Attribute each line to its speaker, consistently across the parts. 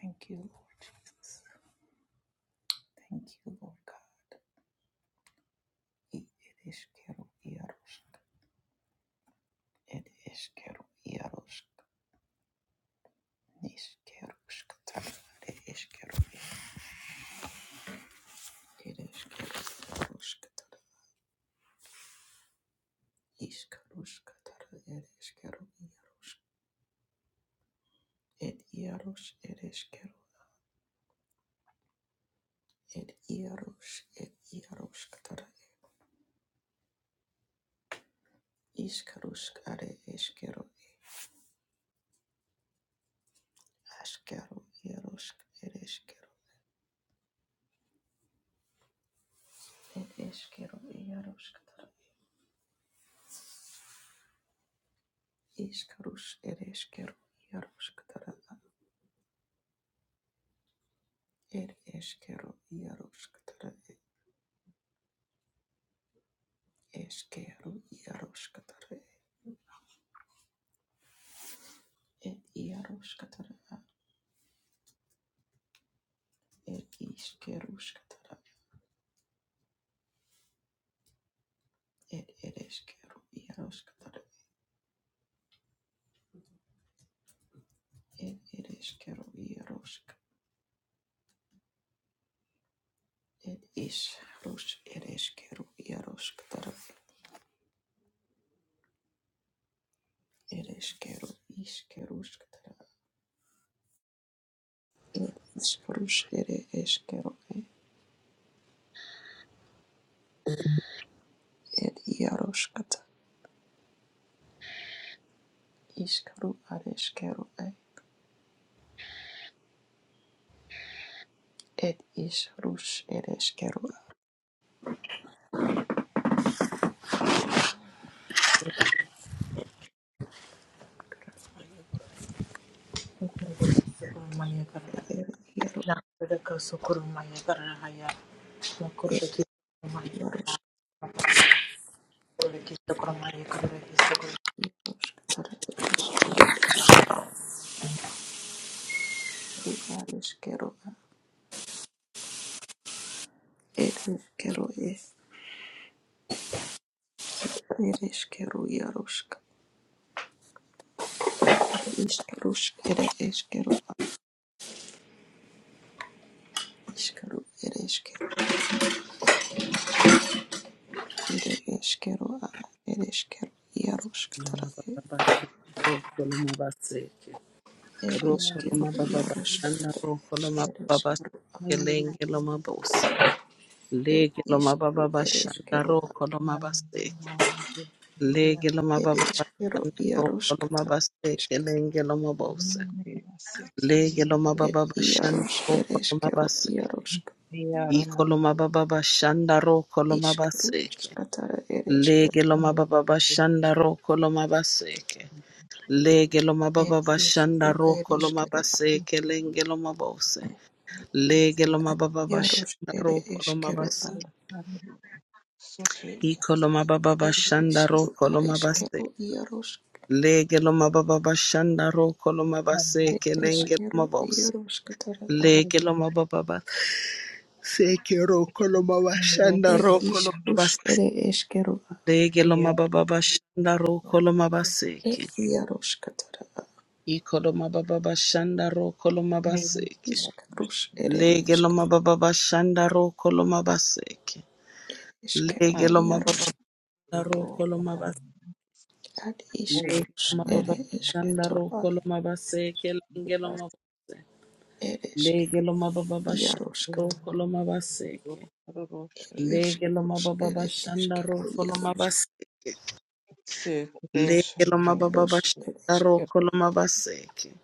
Speaker 1: Thank you, Lord Jesus. Thank you, Lord God. I- It is kero iarosk. It is kero iarosk. Nis kerusk tar. It is kero. It is kero iarosk tar. Is karusk tar. It is kero iarosk. It iaros. It is kero. It iaros. It iarosk tar. Is karusk are is kero. Askero iarosk. It is kero. It is kero iarosk tar. Iškarus ir iškeru iaroškatara, ir iškeru iaroškatara, iškeru iaroškatara, ir iaroškatara, ir iškeruškatara, ir ir iškeru iaroškatara, ir ir iškeru iarošk, ir išrus ir iškeru iaroškatara, ir iškeru iškeruškatara, ir išrus ir iškeru, ir iaroškatara. Ishkaru areshkaru Ed Isrush Ed Eskero
Speaker 2: Thank
Speaker 1: Iero Ed Iaros
Speaker 2: you.
Speaker 1: Katar Eru Ad Eskero Ed Eskero Ed Eskero Iaros Isrush Ed Eskero Iskero Ed Eskero Ire Eskero Ed Eskero Iaros
Speaker 3: Lege lo
Speaker 1: Katar
Speaker 3: mababa
Speaker 1: Ed Eskero Iaros Katar Ed Eskero Ed Isru Ed Eskero Ed Eskero Ed Iaros Ed Eskero Iskru
Speaker 3: bashanda
Speaker 1: skatara ere eskero
Speaker 3: ro koloma baseke. Lege lo
Speaker 1: er
Speaker 3: mababa bashanda
Speaker 1: isru ere
Speaker 3: roko lo
Speaker 1: eskero
Speaker 3: mabase kelenge lo mabose. Lege lo
Speaker 1: ad
Speaker 3: mababa
Speaker 1: iaros
Speaker 3: bashanda
Speaker 1: ere
Speaker 3: roko lo
Speaker 1: eskero
Speaker 3: mabase.
Speaker 1: ad
Speaker 3: Iko lo mababa
Speaker 1: er
Speaker 3: bashanda
Speaker 1: isru
Speaker 3: roko
Speaker 1: ad
Speaker 3: lo mabase.
Speaker 1: eskero iaros
Speaker 3: Lege lo mababa bashanda roko lo mabase
Speaker 1: er
Speaker 3: kelenge lo
Speaker 1: eskero
Speaker 3: mabose.
Speaker 1: iaros skatara ad
Speaker 3: Lege lo mababa base ke roko lo mabashanda
Speaker 1: er
Speaker 3: roko lo
Speaker 1: isrus
Speaker 3: mabase.
Speaker 1: ere eskero
Speaker 3: Lege lo mababa bashanda roko lo mabase
Speaker 1: ad er
Speaker 3: ke.
Speaker 1: iaros skatara ad
Speaker 3: Iko lo mababa bashanda roko lo mabase ke.
Speaker 1: iskrus ere
Speaker 3: Lege
Speaker 1: eskero
Speaker 3: loma baba bashanda roko loma baseke.
Speaker 1: eskero
Speaker 3: Lege loma baba
Speaker 1: iaros
Speaker 3: bashanda roko loma baseke.
Speaker 1: ad
Speaker 3: Lege
Speaker 1: iskrus
Speaker 3: loma
Speaker 1: ere
Speaker 3: baba bashanda
Speaker 1: esketoro
Speaker 3: roko
Speaker 1: ad
Speaker 3: loma baseke. Lege loma baseke.
Speaker 1: er
Speaker 3: Lege
Speaker 1: eskero
Speaker 3: loma baba bashanda
Speaker 1: iaros skatara
Speaker 3: roko loma baseke.
Speaker 1: er
Speaker 3: Lege loma
Speaker 1: iskrus
Speaker 3: baba
Speaker 1: ere
Speaker 3: bashanda
Speaker 1: eskero
Speaker 3: roko loma baseke. Lege loma baba
Speaker 1: Yaros
Speaker 3: bashanda roko
Speaker 1: ereshkero
Speaker 3: loma baseke.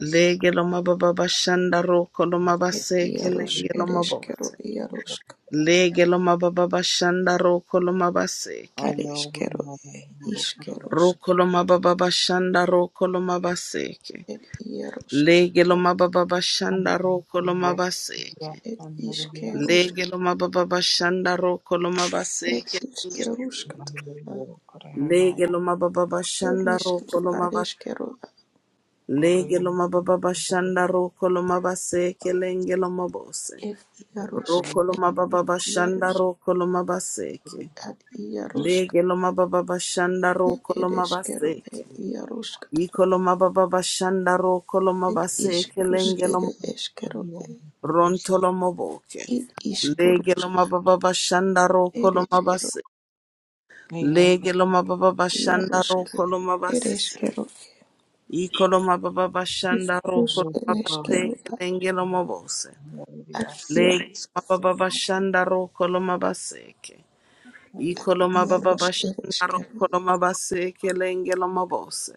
Speaker 3: Lege loma baba bashanda roko loma
Speaker 1: et
Speaker 3: baseke.
Speaker 1: Yaros
Speaker 3: Lenge loma
Speaker 1: ereshkero
Speaker 3: bose.
Speaker 1: Yarosk
Speaker 3: Lege loma baba bashanda roko loma baseke.
Speaker 1: areshkero e ishkerusk
Speaker 3: Roko loma baba bashanda roko loma baseke.
Speaker 1: et Yarosk
Speaker 3: Lege loma baba bashanda roko loma
Speaker 4: Hallelujah,
Speaker 3: baseke.
Speaker 1: et
Speaker 4: hallelujah,
Speaker 1: ishkerusk
Speaker 3: Lege loma baba bashanda roko loma
Speaker 1: et
Speaker 3: baseke.
Speaker 1: ishkerusk
Speaker 4: hallelujah. Kuramai,
Speaker 3: Lege loma baba
Speaker 1: et
Speaker 3: bashanda roko
Speaker 1: ishkeru
Speaker 3: loma ba-
Speaker 1: areshkero
Speaker 3: Lege
Speaker 4: oriyandu,
Speaker 3: loma baba bashanda roko loma baseke. Lenge loma bose.
Speaker 1: et Yarosk
Speaker 3: Roko
Speaker 4: oriyandu,
Speaker 3: loma baba bashanda
Speaker 1: Yarosk
Speaker 3: roko loma baseke.
Speaker 1: at Yarosk
Speaker 3: Lege loma baba bashanda
Speaker 1: et
Speaker 3: roko loma
Speaker 1: ereshkero
Speaker 3: baseke.
Speaker 1: et Yarosk
Speaker 3: Ikoloma baba bashanda ro koloma
Speaker 1: et
Speaker 3: base
Speaker 1: ishkerus
Speaker 3: kelengelo
Speaker 1: ere eshkero e
Speaker 4: hallelujah.
Speaker 3: rontolo moboke.
Speaker 1: it ishkerusk
Speaker 3: Legeloma baba bashanda ro koloma
Speaker 1: ereshkero
Speaker 3: base.
Speaker 4: Neyo,
Speaker 3: Legeloma baba bashanda ro
Speaker 1: Yarosk
Speaker 3: koloma base.
Speaker 1: ereshkero
Speaker 3: Ikoloma baba bashanda ro
Speaker 1: Iskarus
Speaker 4: hallelujah,
Speaker 3: koloma
Speaker 4: hallelujah.
Speaker 3: base
Speaker 1: ereskeru a
Speaker 3: kelengelo mobose.
Speaker 4: Neyo,
Speaker 1: adiask
Speaker 3: Legeloma baba bashanda ro koloma base ke.
Speaker 4: hallelujah,
Speaker 3: Ikoloma baba
Speaker 1: iarus
Speaker 3: bashanda ro
Speaker 1: ereskeru
Speaker 3: koloma base kelengelo mobose.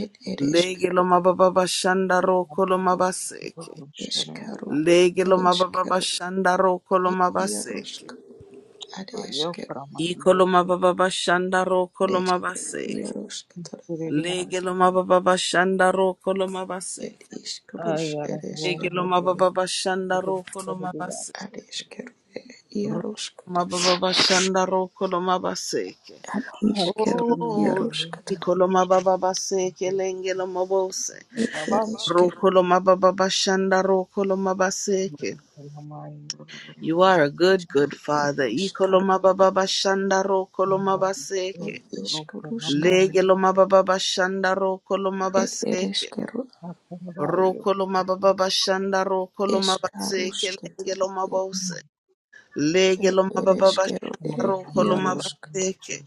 Speaker 1: ed ereskeru
Speaker 3: Legeloma baba bashanda ro koloma base ke.
Speaker 1: eskaru
Speaker 3: Lege loma baba
Speaker 1: ereskeru
Speaker 3: bashanda roko
Speaker 1: ed
Speaker 3: loma
Speaker 1: iarusk
Speaker 3: baseke.
Speaker 1: ad
Speaker 4: ayo,
Speaker 1: eskeru
Speaker 4: kuramai,
Speaker 3: Iko loma
Speaker 4: hallelujah.
Speaker 3: baba bashanda roko loma
Speaker 1: ereskeru
Speaker 3: baseke.
Speaker 1: iarusk tar
Speaker 3: Lege loma mababa bashanda roko loma
Speaker 1: ed
Speaker 3: baseke.
Speaker 1: iskarus
Speaker 4: Ayara,
Speaker 3: Lege
Speaker 1: ereskeru
Speaker 3: loma
Speaker 4: hallelujah,
Speaker 3: baba bashanda roko loma
Speaker 4: hallelujah.
Speaker 3: baseke.
Speaker 1: ad eskeru iarusk
Speaker 3: Loma baba bashanda roko loma baseke.
Speaker 1: ad iskeru
Speaker 4: Hatsaranamai,
Speaker 3: Oh,
Speaker 1: iarusk tar
Speaker 4: hallelujah.
Speaker 3: iko loma baba baseke lenge loma bose.
Speaker 1: ed ereskeru
Speaker 3: Roko loma baba bashanda roko loma baseke.
Speaker 4: Kuramai,
Speaker 3: You
Speaker 4: hallelujah.
Speaker 3: are a good, good
Speaker 1: ed
Speaker 3: father.
Speaker 1: iskaru
Speaker 3: Ikoloma baba bashanda ro koloma
Speaker 4: Thank
Speaker 1: ed
Speaker 3: baseke.
Speaker 1: iskarus
Speaker 3: Lege loma baba bashanda ro koloma
Speaker 1: ed
Speaker 3: baseke.
Speaker 1: ereskeru
Speaker 3: Ro koloma baba bashanda ro koloma
Speaker 1: eskarus
Speaker 3: baseke. Lenge
Speaker 1: tar
Speaker 3: loma bose. Lege
Speaker 1: Ed
Speaker 3: loma baba
Speaker 1: ereskero e
Speaker 3: bashanda ro koloma
Speaker 1: iarosk
Speaker 3: baseke.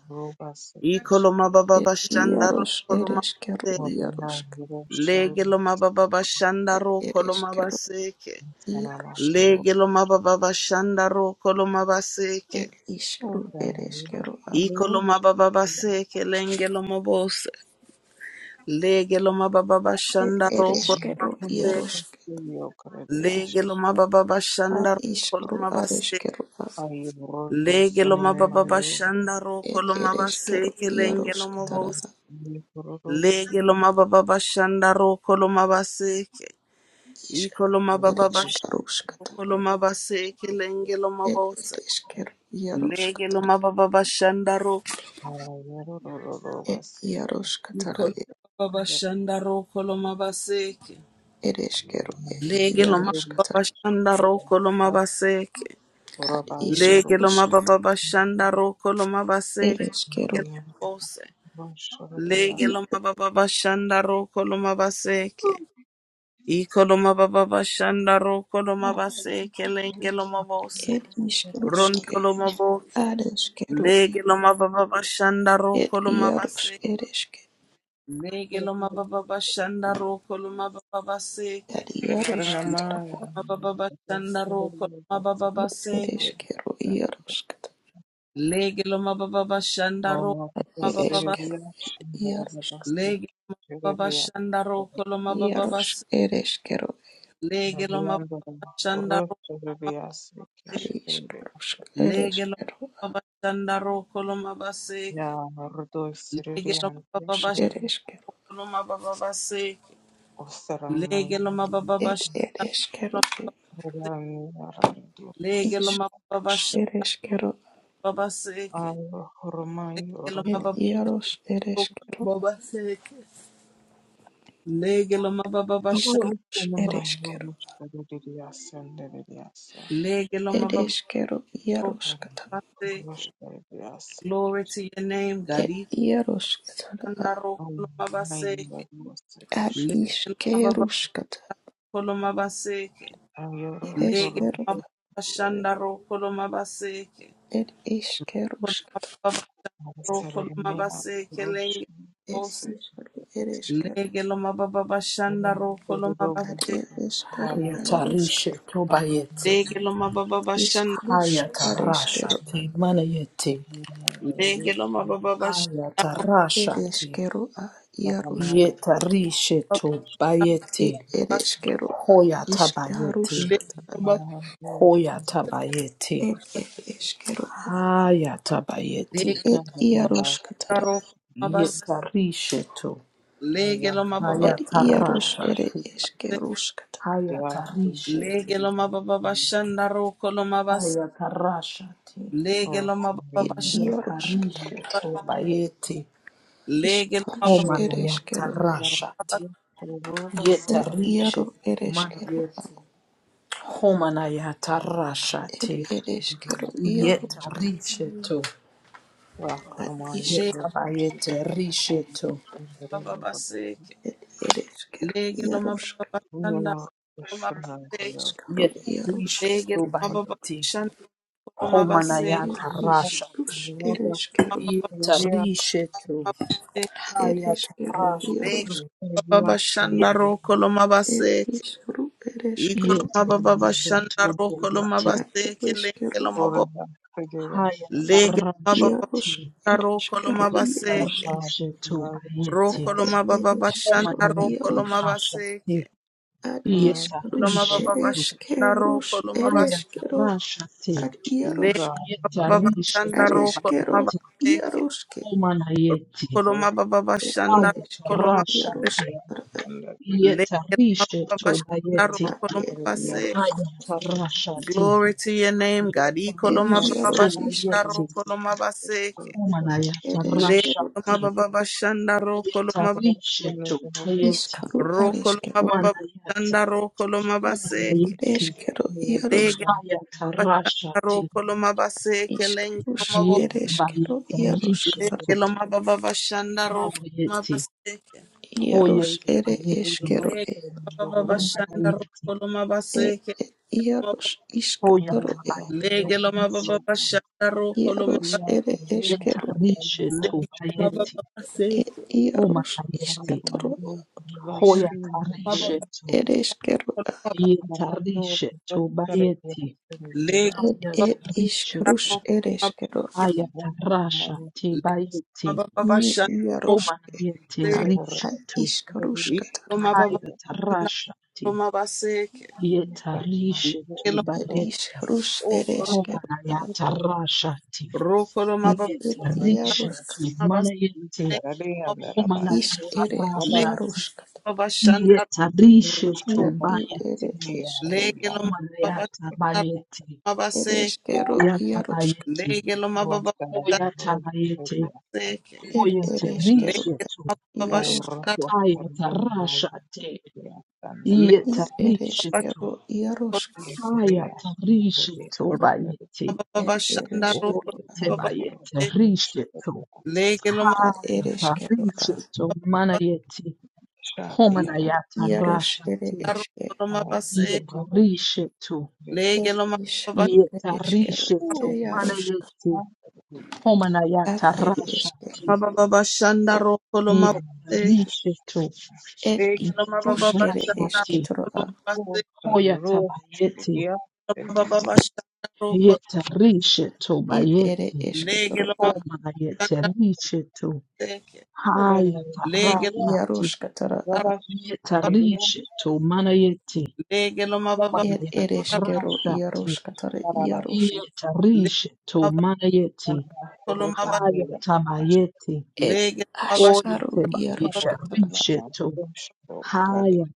Speaker 3: Ikoloma baba
Speaker 1: ed
Speaker 3: bashanda ro
Speaker 1: iaros
Speaker 3: koloma
Speaker 1: ereskero
Speaker 3: baseke.
Speaker 1: iarosk
Speaker 3: Lege loma baba bashanda
Speaker 1: ed
Speaker 3: ro koloma
Speaker 1: ereskero
Speaker 3: baseke.
Speaker 1: iarosk
Speaker 3: Lege loma baba bashanda ro koloma baseke.
Speaker 1: ed iskero ereskero a
Speaker 3: Ikoloma baba base kelenge loma bose lege loma baba
Speaker 1: ed
Speaker 3: bashanda roko loma
Speaker 1: ereskero
Speaker 3: base
Speaker 1: iarosk
Speaker 4: you.
Speaker 3: lege loma baba
Speaker 1: ad
Speaker 3: bashanda roko
Speaker 1: iskero
Speaker 3: loma base
Speaker 1: areskero a
Speaker 3: lege loma baba bashanda roko
Speaker 1: ed
Speaker 3: loma
Speaker 1: ereskero
Speaker 3: base kelenge
Speaker 1: iarosk
Speaker 3: loma
Speaker 1: tara
Speaker 3: bose
Speaker 1: a
Speaker 3: lege loma baba bashanda roko loma base
Speaker 1: iskero
Speaker 3: ikoloma baba bashanda
Speaker 1: ereskarosk tara
Speaker 3: roko loma base kelenge loma
Speaker 1: ed
Speaker 3: bose
Speaker 1: ereskero iarosk
Speaker 3: lege
Speaker 1: tara
Speaker 3: loma baba bashanda roko
Speaker 1: ed iarosk tara e
Speaker 3: ikoloma baba bashanda roko loma base
Speaker 1: ereskero e
Speaker 3: Lege loma
Speaker 1: iarosk
Speaker 3: baba
Speaker 1: tara
Speaker 3: shanda roko loma baseke.
Speaker 1: ad
Speaker 3: Lege
Speaker 1: iskarosk
Speaker 3: loma baba bashanda roko loma baseke.
Speaker 1: Ereshkigal
Speaker 3: Lege loma bose. Lege loma baba bashanda roko loma baseke. Iko loma baba bashanda roko loma baseke. Lenge loma bose.
Speaker 1: Ed iskeruske,
Speaker 3: Ronto loma bose.
Speaker 1: ad eskeru,
Speaker 3: Lege loma baba bashanda
Speaker 1: ed
Speaker 3: roko loma
Speaker 1: iaros,
Speaker 3: baseke.
Speaker 1: ed eske,
Speaker 3: Lege loma baba bashanda roko loma baba
Speaker 1: ad
Speaker 3: baseke.
Speaker 1: iaroske
Speaker 4: Karanamaya
Speaker 1: tarara,
Speaker 3: Loma baba bashanda roko loma baba
Speaker 4: Shirabasa
Speaker 1: ed
Speaker 3: baseke.
Speaker 1: eskeru, iaroske
Speaker 3: Legelo mababa shandaro
Speaker 4: Ola
Speaker 1: tarara, ed
Speaker 3: mababa
Speaker 1: eskeru,
Speaker 4: Serbia
Speaker 1: ed iaroske,
Speaker 4: Shindarabasti
Speaker 3: legelo mababa
Speaker 4: Serbia
Speaker 3: shandaro kolo mababa
Speaker 1: iaros, ed eskeru,
Speaker 3: legelo
Speaker 4: Nederlanda
Speaker 3: mababa
Speaker 4: Rus
Speaker 3: shandaro
Speaker 4: Serbia
Speaker 3: mababa
Speaker 1: ad
Speaker 4: Serbia
Speaker 1: iskeruske, ed
Speaker 3: legelo
Speaker 1: eskeru,
Speaker 3: mababa shandaro kolo mababa
Speaker 4: Ya Rudo
Speaker 1: ad
Speaker 3: legelo
Speaker 4: Serbia
Speaker 1: iskerus,
Speaker 3: mababa
Speaker 1: ed
Speaker 3: shandaro
Speaker 1: eskeru,
Speaker 3: kolo mababa
Speaker 4: Ostaramaya
Speaker 3: legelo mababa
Speaker 1: ed ed
Speaker 3: shandaro kolo
Speaker 1: eskeru,
Speaker 3: mababa
Speaker 1: ed
Speaker 4: Rami Randi
Speaker 3: legelo mababa
Speaker 1: iskerus,
Speaker 3: shandaro
Speaker 1: ed eskeru,
Speaker 4: Al Hormay
Speaker 3: legelo
Speaker 1: ed
Speaker 4: Rudo
Speaker 3: mababa
Speaker 1: iaros, ed
Speaker 3: kolo
Speaker 1: eskeru,
Speaker 3: mababa legelo mababa shandaro
Speaker 1: iskerus, ed
Speaker 4: Olamay
Speaker 1: eskeru,
Speaker 4: Rudo Serbia Serbia
Speaker 3: legelo
Speaker 1: ed
Speaker 3: mababa
Speaker 1: eskeru, iaroske
Speaker 3: Baseke.
Speaker 4: Rushdie-Blas
Speaker 3: Glory to your name, God.
Speaker 1: Ed Yaroshkatana
Speaker 3: Ikandaro Baseke.
Speaker 1: Ad
Speaker 4: Ayaroslavsky
Speaker 3: Lege Mababa
Speaker 1: Ishkerushkata
Speaker 3: Kolomabaseke, Baseke. Lege
Speaker 1: Ereshkeru
Speaker 3: Mababa
Speaker 4: Ayaroslavsky
Speaker 3: Shandaro Koloma Baseke.
Speaker 1: Ed Ishkerushk
Speaker 3: Kolomababaro Koloma
Speaker 4: Artsarnaya
Speaker 3: Baseke Lenge
Speaker 1: Ed
Speaker 4: Rushdie-Blas
Speaker 3: Os.
Speaker 1: Ishkeru Ereshkeru
Speaker 3: Lege Loma Baba Shandaro Koloma
Speaker 1: Ad
Speaker 3: Baseke.
Speaker 1: Ereshkeru Yaroshk
Speaker 5: Hayatarishe tobayete.
Speaker 3: Lege Loma Baba Shanda.
Speaker 1: Ishkerushk Ereshkeru
Speaker 5: Hayatarashate manayete.
Speaker 3: Lege Loma
Speaker 4: Rushdie-Blas
Speaker 3: Baba Shandaro
Speaker 5: Hayatarashate.
Speaker 1: Ereshkeru A Yaroshk
Speaker 5: Yetarishe
Speaker 3: Koloma
Speaker 5: tobayete.
Speaker 1: Ed
Speaker 3: Baseke.
Speaker 1: Ereshkeru A
Speaker 5: Hoyatabayete.
Speaker 3: Lege
Speaker 1: Ishkarushkatana
Speaker 3: Loma
Speaker 5: Hoyatabayete.
Speaker 1: Ed Ereshkeru A
Speaker 5: Hayatabayete.
Speaker 1: Ed Yaroshkatana
Speaker 3: Baba Shandaro
Speaker 5: Yetarishe to.
Speaker 3: Lege lo mababa
Speaker 1: Ed Yarosh Ere
Speaker 5: Hayatarashate.
Speaker 3: se.
Speaker 1: Ishkerushkata
Speaker 5: Hayatarishe.
Speaker 3: Lege lo mababa bashanda roko lo mabase.
Speaker 5: Hayatarashate.
Speaker 3: Lege lo mababa
Speaker 1: Ed
Speaker 3: bashanda.
Speaker 1: Yaroshkatana
Speaker 5: Yetarishe tobayete.
Speaker 3: Lege lo
Speaker 1: Ishkarush
Speaker 3: mababa
Speaker 5: Homanayata
Speaker 1: Ereshkeru
Speaker 3: bas-
Speaker 5: rashati. Yeta
Speaker 1: Ed iaro
Speaker 5: Rishi
Speaker 1: ereskero ad
Speaker 5: Manayeti homanayata
Speaker 1: ed
Speaker 4: Thank
Speaker 5: rashate.
Speaker 1: ereskero
Speaker 5: Yeta
Speaker 1: iarosk
Speaker 5: risheto.
Speaker 1: ad isk
Speaker 3: Lege
Speaker 5: Yeta bayete risheto.
Speaker 3: mababa baseke.
Speaker 1: ed ereskero
Speaker 3: Lege lo
Speaker 1: iarosk
Speaker 3: mababa bashanda roko lo
Speaker 1: ad
Speaker 3: mabaseke.
Speaker 1: iskaro
Speaker 5: Yeta
Speaker 1: iarosk
Speaker 3: Lege
Speaker 5: risheto
Speaker 3: lo mababa
Speaker 5: bayete.
Speaker 3: bashanda roko lo
Speaker 1: ed
Speaker 3: mabaseke.
Speaker 5: Homanayata rashate.
Speaker 1: isrus ereskero
Speaker 3: Mababa bashanda
Speaker 5: Yeta
Speaker 3: mabase.
Speaker 5: risheto. Hayata
Speaker 1: ereskero
Speaker 3: Lege
Speaker 1: iarosk
Speaker 5: rashate.
Speaker 3: mababa bashanda
Speaker 5: Yeta
Speaker 3: roko lo
Speaker 1: ed
Speaker 3: mabaseke.
Speaker 1: isru
Speaker 3: Iko lo
Speaker 1: ereskero
Speaker 5: Yeta
Speaker 3: mababa
Speaker 5: Rishi
Speaker 3: bashanda roko lo
Speaker 5: Tobayeti
Speaker 1: ad
Speaker 3: mabaseke. Lege
Speaker 1: ereskero
Speaker 3: lo
Speaker 1: ad
Speaker 3: mababa.
Speaker 5: Hayata
Speaker 3: Lege
Speaker 4: you.
Speaker 3: lo mababa
Speaker 1: iarosk
Speaker 5: Rashati
Speaker 3: bashanda roko lo
Speaker 1: ereskero
Speaker 5: Yeta
Speaker 3: mabaseke.
Speaker 1: iarosk
Speaker 5: Rishi
Speaker 1: ad
Speaker 5: Tobayeti
Speaker 1: ed
Speaker 3: Rokoloma baba
Speaker 1: ereskero
Speaker 3: bashanda
Speaker 5: Homanayata
Speaker 3: rokoloma
Speaker 1: iarosk
Speaker 3: baseke.
Speaker 5: Rashati
Speaker 1: ad iskarus
Speaker 3: Loma
Speaker 5: Yetarishe
Speaker 3: baba
Speaker 5: tu
Speaker 3: bashanda
Speaker 1: ereskerus
Speaker 3: rokoloma bas.
Speaker 1: ereskero
Speaker 5: ayatarasha te
Speaker 1: ad iaros
Speaker 3: Leke baba
Speaker 5: yetarishe
Speaker 3: bashanda
Speaker 5: tu
Speaker 1: Areskero
Speaker 3: rokoloma
Speaker 5: bayete
Speaker 3: baseke.
Speaker 1: Yaroske
Speaker 5: omana yete
Speaker 3: Rokoloma baba
Speaker 1: et
Speaker 3: bashanda
Speaker 1: Ereskero
Speaker 3: rokoloma
Speaker 5: ayatarasha
Speaker 3: baseke.
Speaker 1: Yarosk
Speaker 5: te
Speaker 1: at
Speaker 3: Leke
Speaker 5: yetarishe
Speaker 3: baba
Speaker 5: tu
Speaker 3: bashanda
Speaker 5: bayete
Speaker 3: rokoloma
Speaker 1: et
Speaker 3: baseke.
Speaker 1: Yarosk
Speaker 5: ayatarasha te
Speaker 3: Glory to your name, God.
Speaker 1: et
Speaker 3: Ikoloma
Speaker 5: yetarishe
Speaker 3: baba
Speaker 5: tu
Speaker 1: Yarofisk
Speaker 3: bashanda
Speaker 5: bayete
Speaker 3: rokoloma baseke.
Speaker 5: omana
Speaker 1: at
Speaker 3: Leke
Speaker 5: yatarasha
Speaker 1: Ereskero
Speaker 5: te
Speaker 3: baba bashanda rokoloma ba-
Speaker 5: yetarishe tu bayete
Speaker 1: Iskaru
Speaker 3: rokoloma
Speaker 1: Areskero
Speaker 3: baba
Speaker 5: omana yata
Speaker 3: bashanda rokoloma
Speaker 5: omana
Speaker 3: baseke.
Speaker 5: yete
Speaker 1: Areskero
Speaker 4: Haya kuna
Speaker 1: Yarosk
Speaker 3: Bashanda roko loma baseke lenge loma
Speaker 1: Iskarus
Speaker 3: bo
Speaker 4: bendera
Speaker 5: Hete
Speaker 4: ya
Speaker 1: Ereskero
Speaker 5: bayete
Speaker 4: jeshi
Speaker 1: Yarosk
Speaker 4: la
Speaker 1: tar
Speaker 3: lenge
Speaker 5: rishetu.
Speaker 3: loma baba bashanda roko loma
Speaker 5: Habayeti.
Speaker 3: baseke
Speaker 1: Yaros
Speaker 4: taifa
Speaker 5: Hoyete
Speaker 1: Ere
Speaker 5: bayeti.
Speaker 1: Eskero
Speaker 3: lenge
Speaker 4: lililochorwa
Speaker 1: et
Speaker 3: loma baba
Speaker 4: mdororo pamoja
Speaker 3: bashanda
Speaker 5: Homanayeti.
Speaker 3: roko loma
Speaker 1: et
Speaker 3: baseke
Speaker 1: Yaros
Speaker 5: Hoyata
Speaker 1: Iskatoro et
Speaker 4: na
Speaker 5: bayete
Speaker 3: lenge
Speaker 4: rais
Speaker 3: loma baba
Speaker 5: rishetu.
Speaker 3: bashanda roko loma
Speaker 1: Yaros
Speaker 4: aliyevalia
Speaker 3: ba-
Speaker 1: Ere
Speaker 4: kofia
Speaker 5: Yeta
Speaker 1: Eskero et
Speaker 5: rishetu
Speaker 3: lenge loma
Speaker 4: shamrashamra
Speaker 5: bayeti.
Speaker 3: baba baseke
Speaker 1: Yaros
Speaker 5: Homanayeti.
Speaker 1: Iskatoro
Speaker 4: anaongoza
Speaker 3: loma
Speaker 4: jeshi
Speaker 5: Hoyata
Speaker 4: mbele
Speaker 3: baba
Speaker 5: rishetu.
Speaker 1: Ereskero
Speaker 5: Yeta
Speaker 4: anaongoza
Speaker 5: rishetu
Speaker 4: kutoka
Speaker 5: bayeti.
Speaker 4: kulia
Speaker 3: lenge
Speaker 1: Ed
Speaker 5: Hayata
Speaker 3: loma
Speaker 1: ed ishkarush
Speaker 5: rishetu.
Speaker 3: baba
Speaker 1: ereshkero
Speaker 5: Hayata
Speaker 4: na
Speaker 5: rasha te
Speaker 3: lenge
Speaker 5: bayeti.
Speaker 3: loma baba
Speaker 1: mi
Speaker 3: bashanda
Speaker 1: yarosh
Speaker 3: roko
Speaker 5: Homanayeti
Speaker 3: baseke
Speaker 1: ad
Speaker 4: sura
Speaker 1: ad
Speaker 5: rishetu.
Speaker 4: ishara
Speaker 3: lenge
Speaker 1: ishkarush katar
Speaker 3: loma
Speaker 4: mbele
Speaker 3: baba
Speaker 5: Hayata
Speaker 3: bashanda
Speaker 5: rasha
Speaker 3: loma baseke
Speaker 5: Yetarishe
Speaker 3: lenge
Speaker 4: mfano
Speaker 5: tu
Speaker 3: loma
Speaker 1: ed
Speaker 4: do
Speaker 5: barieti
Speaker 1: ishkarush
Speaker 4: o
Speaker 1: ereshkero
Speaker 5: homana
Speaker 4: pamoja
Speaker 5: yatarashati.
Speaker 3: roko loma
Speaker 1: ad
Speaker 3: baba
Speaker 1: ed
Speaker 4: na rais
Speaker 5: Yetarishe tu
Speaker 1: yarosh
Speaker 3: baseke
Speaker 5: manayeti
Speaker 4: aliyevalia
Speaker 5: homana
Speaker 1: ishk ere yarosh
Speaker 5: yatarashati.
Speaker 3: Babashandar,
Speaker 5: Yetarishe
Speaker 1: na
Speaker 4: Mwishowe
Speaker 5: tu
Speaker 1: ed ere
Speaker 5: bayeti
Speaker 4: mtafiti aliiacha
Speaker 1: eshkero
Speaker 4: ripoti
Speaker 3: Legelum
Speaker 5: homana
Speaker 3: Babashandar
Speaker 5: yatabayeti.
Speaker 3: Mabase,
Speaker 1: ereshkero yarosh
Speaker 5: Hoyatabayeti.
Speaker 3: Legelum Babashandake,
Speaker 4: ambayo
Speaker 5: Hoyatabayeti.
Speaker 4: ilielezea
Speaker 1: ed ereshkero
Speaker 5: Hoyatarishe tu
Speaker 3: Legelum
Speaker 1: yarosh
Speaker 3: Babashandar,
Speaker 1: katar
Speaker 4: taaluma ya
Speaker 5: ayatarashati.
Speaker 4: sayansi
Speaker 1: ed
Speaker 5: Yetarishe
Speaker 3: Legabashkote,
Speaker 5: tu
Speaker 1: ereshkero yarosh
Speaker 4: ya kemia
Speaker 5: ayatarashe tu
Speaker 4: na
Speaker 5: bayeti.
Speaker 1: ed
Speaker 3: Rumabashandaru
Speaker 5: Oh,
Speaker 1: ereshkero
Speaker 5: yete ba yete
Speaker 3: Babase,
Speaker 4: mafundisho
Speaker 5: rishe to
Speaker 4: kuhusu
Speaker 3: Legelum
Speaker 1: ad
Speaker 5: haya ta
Speaker 1: ereshkero
Speaker 5: rishe to mana yeti
Speaker 4: nishati ya
Speaker 5: homana
Speaker 4: roketi
Speaker 5: yata
Speaker 1: yarosh
Speaker 5: rasha
Speaker 1: ere
Speaker 5: te
Speaker 3: Naru
Speaker 1: eshke
Speaker 4: na
Speaker 3: Mabase,
Speaker 5: yeta
Speaker 4: mafundisho
Speaker 5: rishe to
Speaker 4: kuhusu roketi
Speaker 1: Ed
Speaker 3: Legelum
Speaker 1: ishru ed
Speaker 5: yeta
Speaker 1: eskero
Speaker 5: rishe
Speaker 1: ed
Speaker 5: to mana
Speaker 1: yaroshka
Speaker 5: yeti homana
Speaker 1: ad
Speaker 5: yata
Speaker 1: ed
Speaker 5: rasha
Speaker 1: eske
Speaker 5: te
Speaker 3: Babashandaru
Speaker 5: yeta
Speaker 3: Kolumabase,
Speaker 5: rishe to
Speaker 1: ed
Speaker 3: Legelum
Speaker 5: yeta
Speaker 1: ishrush ed
Speaker 5: rasha
Speaker 3: Babashandaru
Speaker 5: te
Speaker 1: esketoro a
Speaker 3: Kolumabase,
Speaker 5: hoya ta ba yete
Speaker 4: ya
Speaker 3: Babashandaru
Speaker 5: yeta rishe to ba
Speaker 1: ed ed
Speaker 5: yete
Speaker 1: esketoro
Speaker 3: Legelum
Speaker 1: a
Speaker 5: homana yete rishe to
Speaker 3: Babashandake,
Speaker 5: haya
Speaker 4: uranium
Speaker 5: ta
Speaker 1: ad
Speaker 3: Legelum
Speaker 5: rasha
Speaker 1: yaroshka tara a
Speaker 4: iliyokarabatiwa
Speaker 5: Yetarishe manayeti mana yeti.
Speaker 3: lege lo
Speaker 5: Homa
Speaker 3: mababa
Speaker 1: ed ed eskero
Speaker 5: yatarashati.
Speaker 1: yaroshka tara yarosh
Speaker 4: Barabasi
Speaker 3: lege
Speaker 5: Yetarishe to oyetabayetarishetu
Speaker 3: mababa
Speaker 4: ana
Speaker 5: yeti.
Speaker 3: lo
Speaker 4: kurota
Speaker 3: maba
Speaker 4: ngira
Speaker 5: Haya tabayeti.
Speaker 1: ed
Speaker 3: lege mababa lo maba
Speaker 5: O
Speaker 1: ashkaru
Speaker 3: sholo
Speaker 5: yeteba
Speaker 1: yaroshka
Speaker 4: ashobora
Speaker 1: tara a
Speaker 5: yetarishe
Speaker 4: ntabwo
Speaker 5: to.
Speaker 4: ushobora karari
Speaker 5: Haya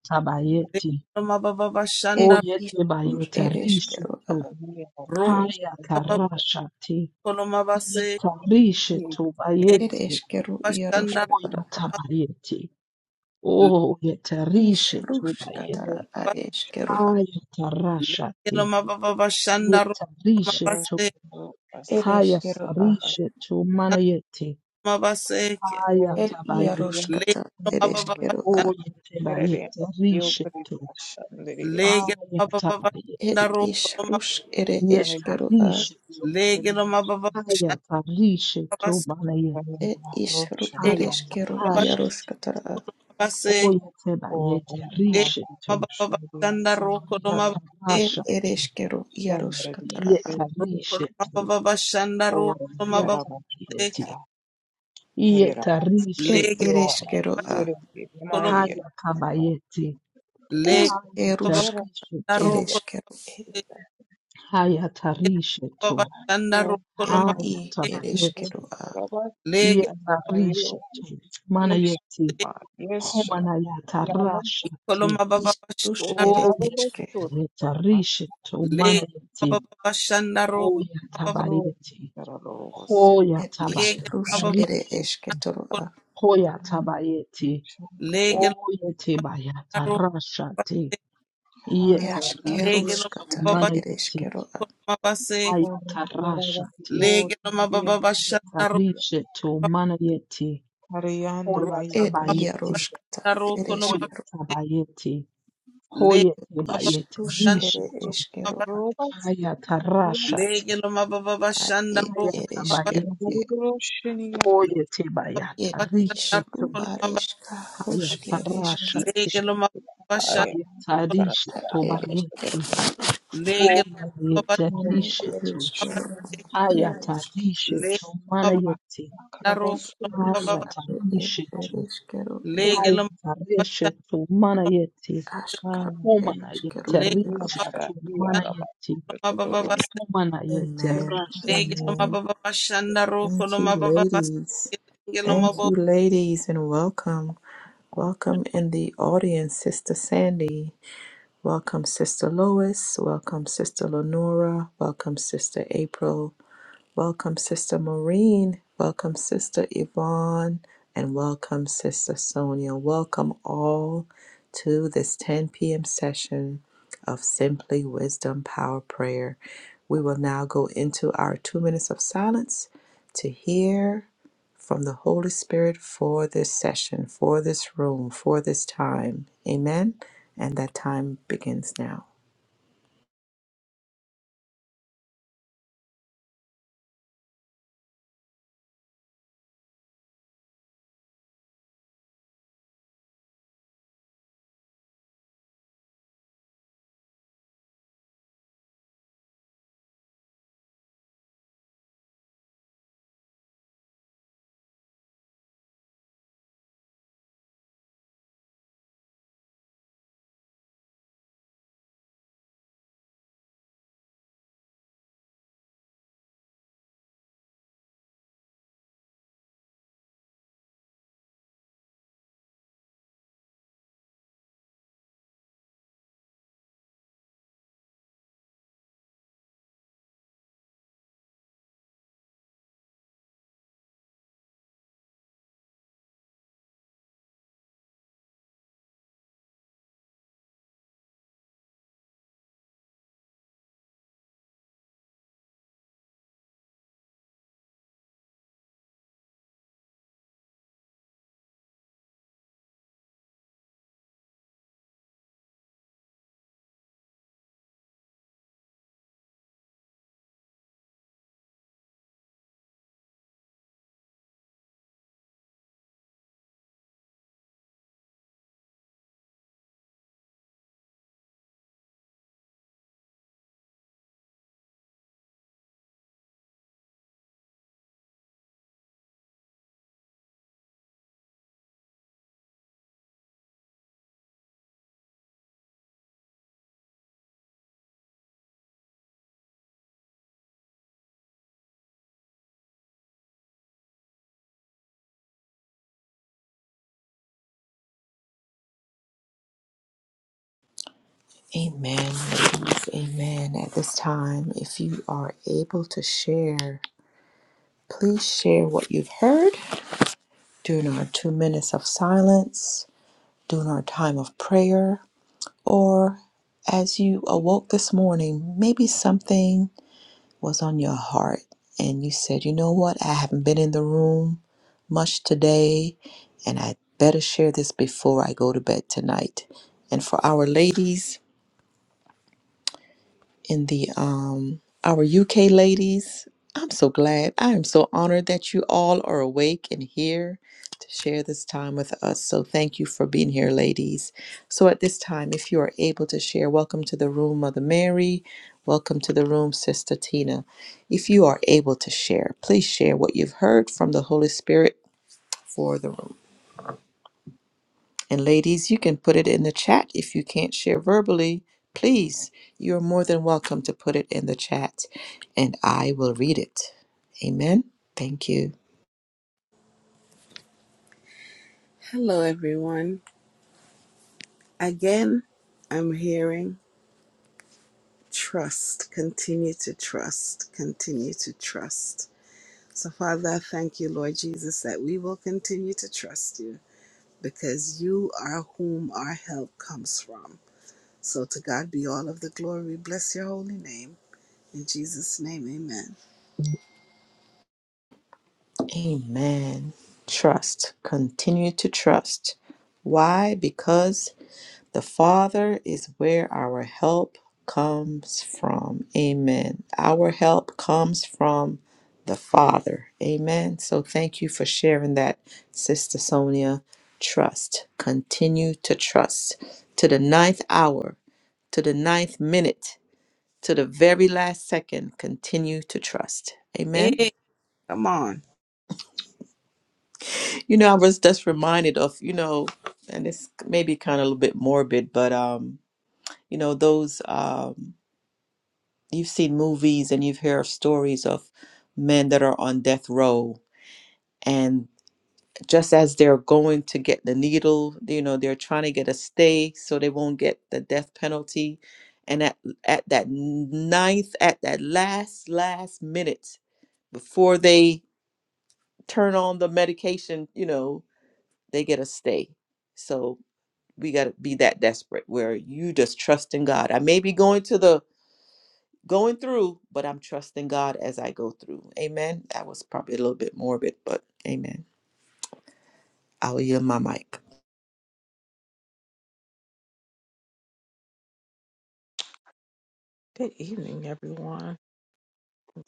Speaker 3: lege
Speaker 5: tabayeti.
Speaker 3: lo mababa
Speaker 1: ed
Speaker 5: O
Speaker 3: shanda
Speaker 1: ishrush ed eskero a
Speaker 4: abanye
Speaker 3: ro
Speaker 4: hanze ashobora
Speaker 3: mababa lo maba se e
Speaker 4: kugira
Speaker 1: ed
Speaker 5: bayeti.
Speaker 1: eskero
Speaker 3: bashanda
Speaker 5: O
Speaker 1: yaroshka tara a
Speaker 5: yatabayeti. O
Speaker 1: ishrushka
Speaker 4: harimo
Speaker 1: tara
Speaker 5: bayeti.
Speaker 1: ad
Speaker 3: leba
Speaker 4: kubigisha
Speaker 1: eskero a
Speaker 5: Haya
Speaker 3: lege lo mababa shanda ro maba
Speaker 5: Yetarishetu.
Speaker 3: se
Speaker 4: abantu
Speaker 1: ed
Speaker 4: basekesa
Speaker 1: eskero a
Speaker 5: Hayatarishetu manayeti.
Speaker 3: maba se ke
Speaker 1: ed
Speaker 4: akumviriya
Speaker 5: Ayatabayeti.
Speaker 1: yaroshka
Speaker 3: lege
Speaker 1: tara
Speaker 3: lo
Speaker 1: ed
Speaker 3: mababa
Speaker 4: n'amambo
Speaker 1: eskero
Speaker 3: bashanda
Speaker 4: mbere
Speaker 5: Oyetabayeti.
Speaker 4: yo kuriri
Speaker 5: Rishetu.
Speaker 4: ashandiriri
Speaker 3: lege lo mababa shanda
Speaker 1: Et
Speaker 5: Hayatabayeti.
Speaker 3: ro maba
Speaker 1: ishrus ere
Speaker 4: asane
Speaker 1: eskero a.
Speaker 5: Yetarishetu.
Speaker 4: kuriri
Speaker 3: lege lo mababa shanda maba
Speaker 5: Hayatarishetu
Speaker 3: se
Speaker 4: abanye
Speaker 5: manayeti.
Speaker 1: Et ishru
Speaker 4: rocha
Speaker 1: ere
Speaker 3: lege lo
Speaker 4: ntabwo
Speaker 1: eskero
Speaker 3: mababa
Speaker 5: Hayatarasheti.
Speaker 1: iaroskatara a.
Speaker 3: se
Speaker 4: o
Speaker 5: Oyetabayeti.
Speaker 3: lege
Speaker 5: Rishetu.
Speaker 3: lo mababa
Speaker 4: amakumviriya
Speaker 3: shanda ro
Speaker 4: asane
Speaker 3: maba se
Speaker 1: Et
Speaker 5: Hayatarashatu.
Speaker 1: ere eskero
Speaker 4: Sandaradiya
Speaker 1: iaroskatara a.
Speaker 4: Sindhi
Speaker 5: Yetarishetu.
Speaker 3: Kolomababa Shandaro
Speaker 4: Oram
Speaker 3: Kolomababa
Speaker 5: Hayatabayeti.
Speaker 4: Dharavashtuta
Speaker 3: Deke
Speaker 4: Hayra
Speaker 1: Et
Speaker 3: Lege
Speaker 5: Yetarishetu.
Speaker 1: ere
Speaker 4: Yona
Speaker 1: eskero
Speaker 5: bayeti.
Speaker 1: a.
Speaker 4: Yirindi
Speaker 3: Kolom
Speaker 4: Mayira
Speaker 5: Haya kabayeti.
Speaker 4: Ooh
Speaker 3: Lege
Speaker 5: Haya
Speaker 1: Eskerusk
Speaker 4: Yora
Speaker 5: tarishe
Speaker 3: Babaro
Speaker 1: ere
Speaker 5: tu.
Speaker 3: Kolomababa
Speaker 1: eskero e.
Speaker 5: Haya tarishe
Speaker 3: Baba
Speaker 5: tu.
Speaker 3: Shandaro
Speaker 4: Yato
Speaker 1: Et
Speaker 3: Kolomababa
Speaker 5: Haya
Speaker 1: i
Speaker 3: Deke
Speaker 1: ere
Speaker 5: tabayeti.
Speaker 1: eskero a.
Speaker 4: Rabasta
Speaker 5: Iye
Speaker 3: Lege
Speaker 5: tarishe
Speaker 4: Mayo
Speaker 5: tu. Mana yeti.
Speaker 4: Ishma Yesha
Speaker 5: Homana ya
Speaker 4: Yamato
Speaker 5: tarasha ti.
Speaker 3: Kolomababa
Speaker 1: Ishrus
Speaker 3: Shandaro
Speaker 1: ere
Speaker 5: O yeti.
Speaker 1: eske.
Speaker 4: Tarabashtuta
Speaker 5: Ya
Speaker 4: Rabashtuta
Speaker 5: tarishe tu. Mana
Speaker 3: Lege
Speaker 5: yeti.
Speaker 3: Bababa Shandaro
Speaker 5: O ya
Speaker 3: Kolomababa
Speaker 4: Ooh
Speaker 5: tabayeti.
Speaker 4: Dharavasya
Speaker 5: Ho ya
Speaker 1: Et
Speaker 3: Lege
Speaker 5: tabaya
Speaker 1: ishrusk
Speaker 3: Bababa
Speaker 1: ere
Speaker 5: tarishe tu.
Speaker 1: esketoro a.
Speaker 5: Ho ya tabayeti. O
Speaker 4: Shandya
Speaker 3: Lege
Speaker 5: yeti baya
Speaker 3: Babaro
Speaker 5: tarasha ti. Iye
Speaker 4: Hare
Speaker 5: tarishe
Speaker 3: Lege
Speaker 4: Abhiyo
Speaker 5: tu.
Speaker 1: Eskeruskatara
Speaker 3: Bababa
Speaker 5: Mana
Speaker 1: ere
Speaker 5: yeti.
Speaker 1: a.
Speaker 3: Kolomababa Seke
Speaker 4: Oram
Speaker 5: Ayatarashati,
Speaker 3: Lege
Speaker 4: Dharavashtuta
Speaker 3: Bababa Shandaro
Speaker 5: yetarishetu manayeti,
Speaker 4: Hariana
Speaker 1: Et
Speaker 5: hoyatabayeti,
Speaker 4: Mayira
Speaker 3: Kolomababa
Speaker 1: iaroskata
Speaker 4: Good
Speaker 1: ere
Speaker 3: Shandaro
Speaker 5: hoyatabayeti,
Speaker 3: Le
Speaker 5: hoyetabayeti,
Speaker 1: Ishrus ere
Speaker 5: rishetu,
Speaker 1: eskero
Speaker 5: ayatarashati,
Speaker 1: ad id ereshker
Speaker 5: ayatabayeti, hoyetabayata,
Speaker 1: ed ishru
Speaker 5: rishetu,
Speaker 1: areshka ruskereshker
Speaker 5: ayatarashati,
Speaker 1: ad
Speaker 5: hayatarishetu
Speaker 1: eresh
Speaker 5: bayeti, hoyayeti,
Speaker 1: ne
Speaker 5: rishetu,
Speaker 1: ereshkero yeresh
Speaker 5: hayatarishetu manayeti,
Speaker 1: rush ad ed
Speaker 5: hayatarishetu,
Speaker 1: ereshkero ed
Speaker 5: Haya tarehe tu mana yeti
Speaker 1: ashkar
Speaker 5: humana
Speaker 1: ereshkero
Speaker 5: yete reach
Speaker 1: yaroshka
Speaker 5: tu mana yeti humana yete
Speaker 1: Amen.
Speaker 5: rasha
Speaker 1: Amen. Thank you, ladies. Thank you, ladies, and welcome. Welcome in the audience, Sister Sandy. Welcome, Sister Lois. Welcome, Sister Lenora. Welcome, Sister April. Welcome, Sister Maureen. Welcome, Sister Yvonne. And welcome, Sister Sonia. Welcome all to this 10 p.m. session of Simply Wisdom Power Prayer. We will now go into our two minutes of silence to hear from the Holy Spirit for this session, for this room, for this time. Amen. And that time begins now. Amen, ladies. Amen. At this time, if you are able to share, please share what you've heard during our two minutes of silence, during our time of prayer, or as you awoke this morning, maybe something was on your heart and you said, you know what, I haven't been in the room much today, and I better share this before I go to bed tonight. And for our ladies, and the um our UK ladies. I'm so glad. I am so honored that you all are awake and here to share this time with us. So thank you for being here, ladies. So at this time, if you are able to share, welcome to the room, Mother Mary. Welcome to the room, Sister Tina. If you are able to share, please share what you've heard from the Holy Spirit for the room. And ladies, you can put it in the chat if you can't share verbally. Please, you're more than welcome to put it in the chat and I will read it. Amen. Thank you.
Speaker 3: Hello everyone. Again, I'm hearing. Trust, continue to trust, continue to trust. So, Father, I thank you, Lord Jesus, that we will continue to trust you because you are whom our help comes from. So, to God be all of the glory. Bless your holy name. In Jesus' name, amen.
Speaker 1: Amen. Trust. Continue to trust. Why? Because The Father is where our help comes from. Amen. Our help comes from the Father. Amen. So thank you for sharing that, Sister Sonia. Trust. Continue to trust to the ninth hour, to the ninth minute, to the very last second. Continue to trust. Amen.
Speaker 3: Hey, come on.
Speaker 1: You know, I was just reminded of, you know, and it's maybe kind of a little bit morbid, but um, you know, those um you've seen movies and you've heard stories of men that are on death row and just as they're going to get the needle you know they're trying to get a stay so they won't get the death penalty and at at that ninth at that last last minute before they turn on the medication you know they get a stay so we got to be that desperate where you just trust in god i may be going to the going through, but I'm trusting God as I go through. Amen. That was probably a little bit morbid, but amen. I'll yield my mic.
Speaker 4: evening, everyone.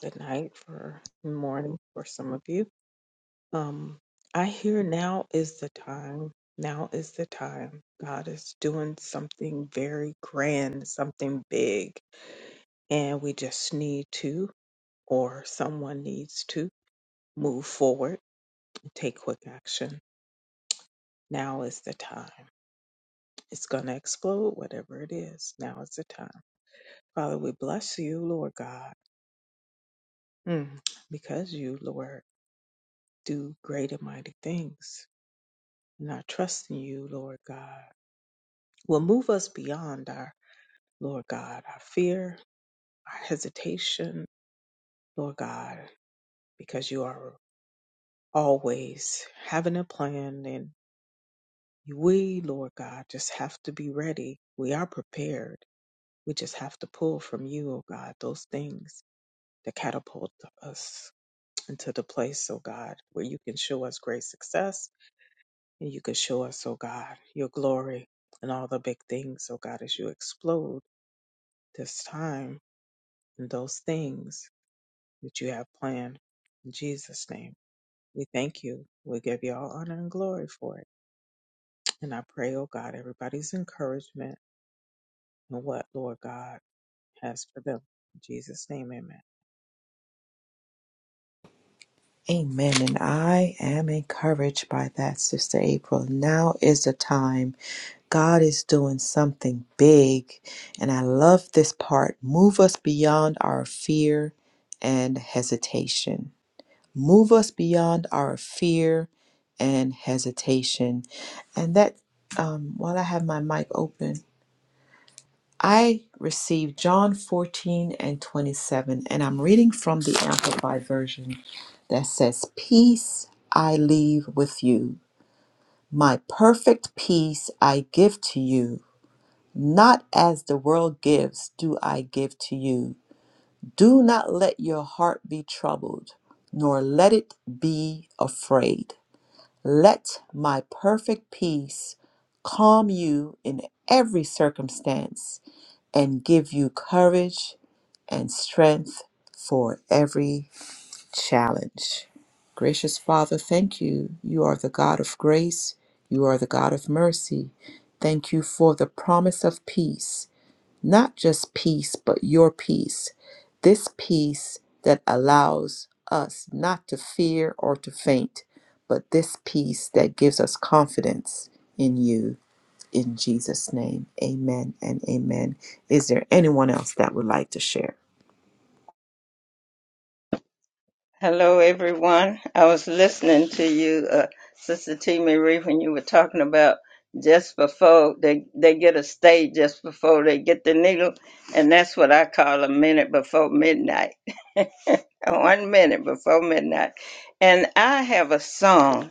Speaker 4: Good night for morning for some of you. Um, I hear now is the time. Now is the time. God is doing something very grand, something big, and we just need to, or someone needs to, move forward and take quick action. Now is the time. It's going to explode, whatever it is. Now is the time. Father, we bless you, Lord God, mm, because you, Lord, do great and mighty things. And I trust in you, Lord God, will move us beyond our Lord God, our fear, our hesitation, Lord God, because you are always having a plan and we, Lord God, just have to be ready. We are prepared. We just have to pull from you, oh God, those things that catapult us into the place, oh God, where you can show us great success and you can show us, oh God, your glory and all the big things, oh God, as you explode this time and those things that you have planned. In Jesus' name, we thank you. We give you all honor and glory for it. And I pray, oh God, everybody's encouragement and what, Lord God, has for them. In Jesus' name, amen.
Speaker 1: Amen. And I am encouraged by that, Sister April. Now is the time. God is doing something big. And I love this part. Move us beyond our fear and hesitation. Move us beyond our fear and hesitation. And that, um, while I have my mic open, I received John 14 and 27, and I'm reading from the Amplified Version that says, Peace I leave with you. My perfect peace I give to you. Not as the world gives, do I give to you. Do not let your heart be troubled, nor let it be afraid. Let my perfect peace calm you in every circumstance and give you courage and strength for every challenge. Gracious Father, thank you. You are the God of grace, you are the God of mercy. Thank you for the promise of peace not just peace, but your peace. This peace that allows us not to fear or to faint, but this peace that gives us confidence in you. In Jesus' name, amen and amen. Is there anyone else that would like to share?
Speaker 6: Hello, everyone. I was listening to you, uh, Sister T. Marie, when you were talking about just before they, they get a stay, just before they get the needle, and that's what I call a minute before midnight. One minute before midnight. And I have a song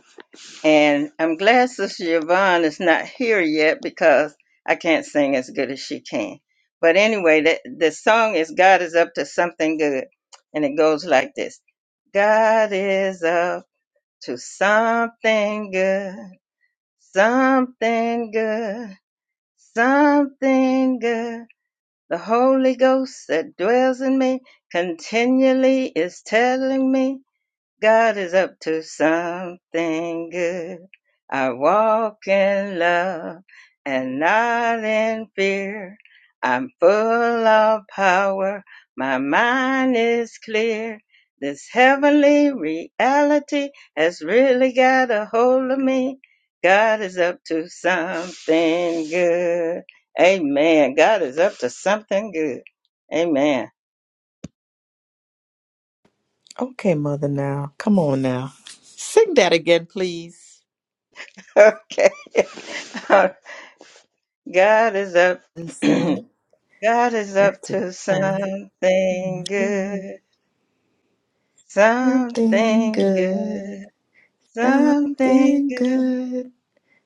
Speaker 6: and I'm glad Sister Yvonne is not here yet because I can't sing as good as she can. But anyway, the, the song is God is up to something good. And it goes like this God is up to something good, something good, something good. The Holy Ghost that dwells in me continually is telling me. God is up to something good. I walk in love and not in fear. I'm full of power. My mind is clear. This heavenly reality has really got a hold of me. God is up to something good. Amen. God is up to something good. Amen.
Speaker 1: Okay, Mother, now, come on now. Sing that again, please.
Speaker 6: Okay. God is up.
Speaker 1: Listen,
Speaker 6: God is up
Speaker 1: it's
Speaker 6: to
Speaker 1: time.
Speaker 6: something good,
Speaker 1: Something
Speaker 6: something
Speaker 1: good,
Speaker 6: good, something
Speaker 1: something
Speaker 6: good.
Speaker 1: good.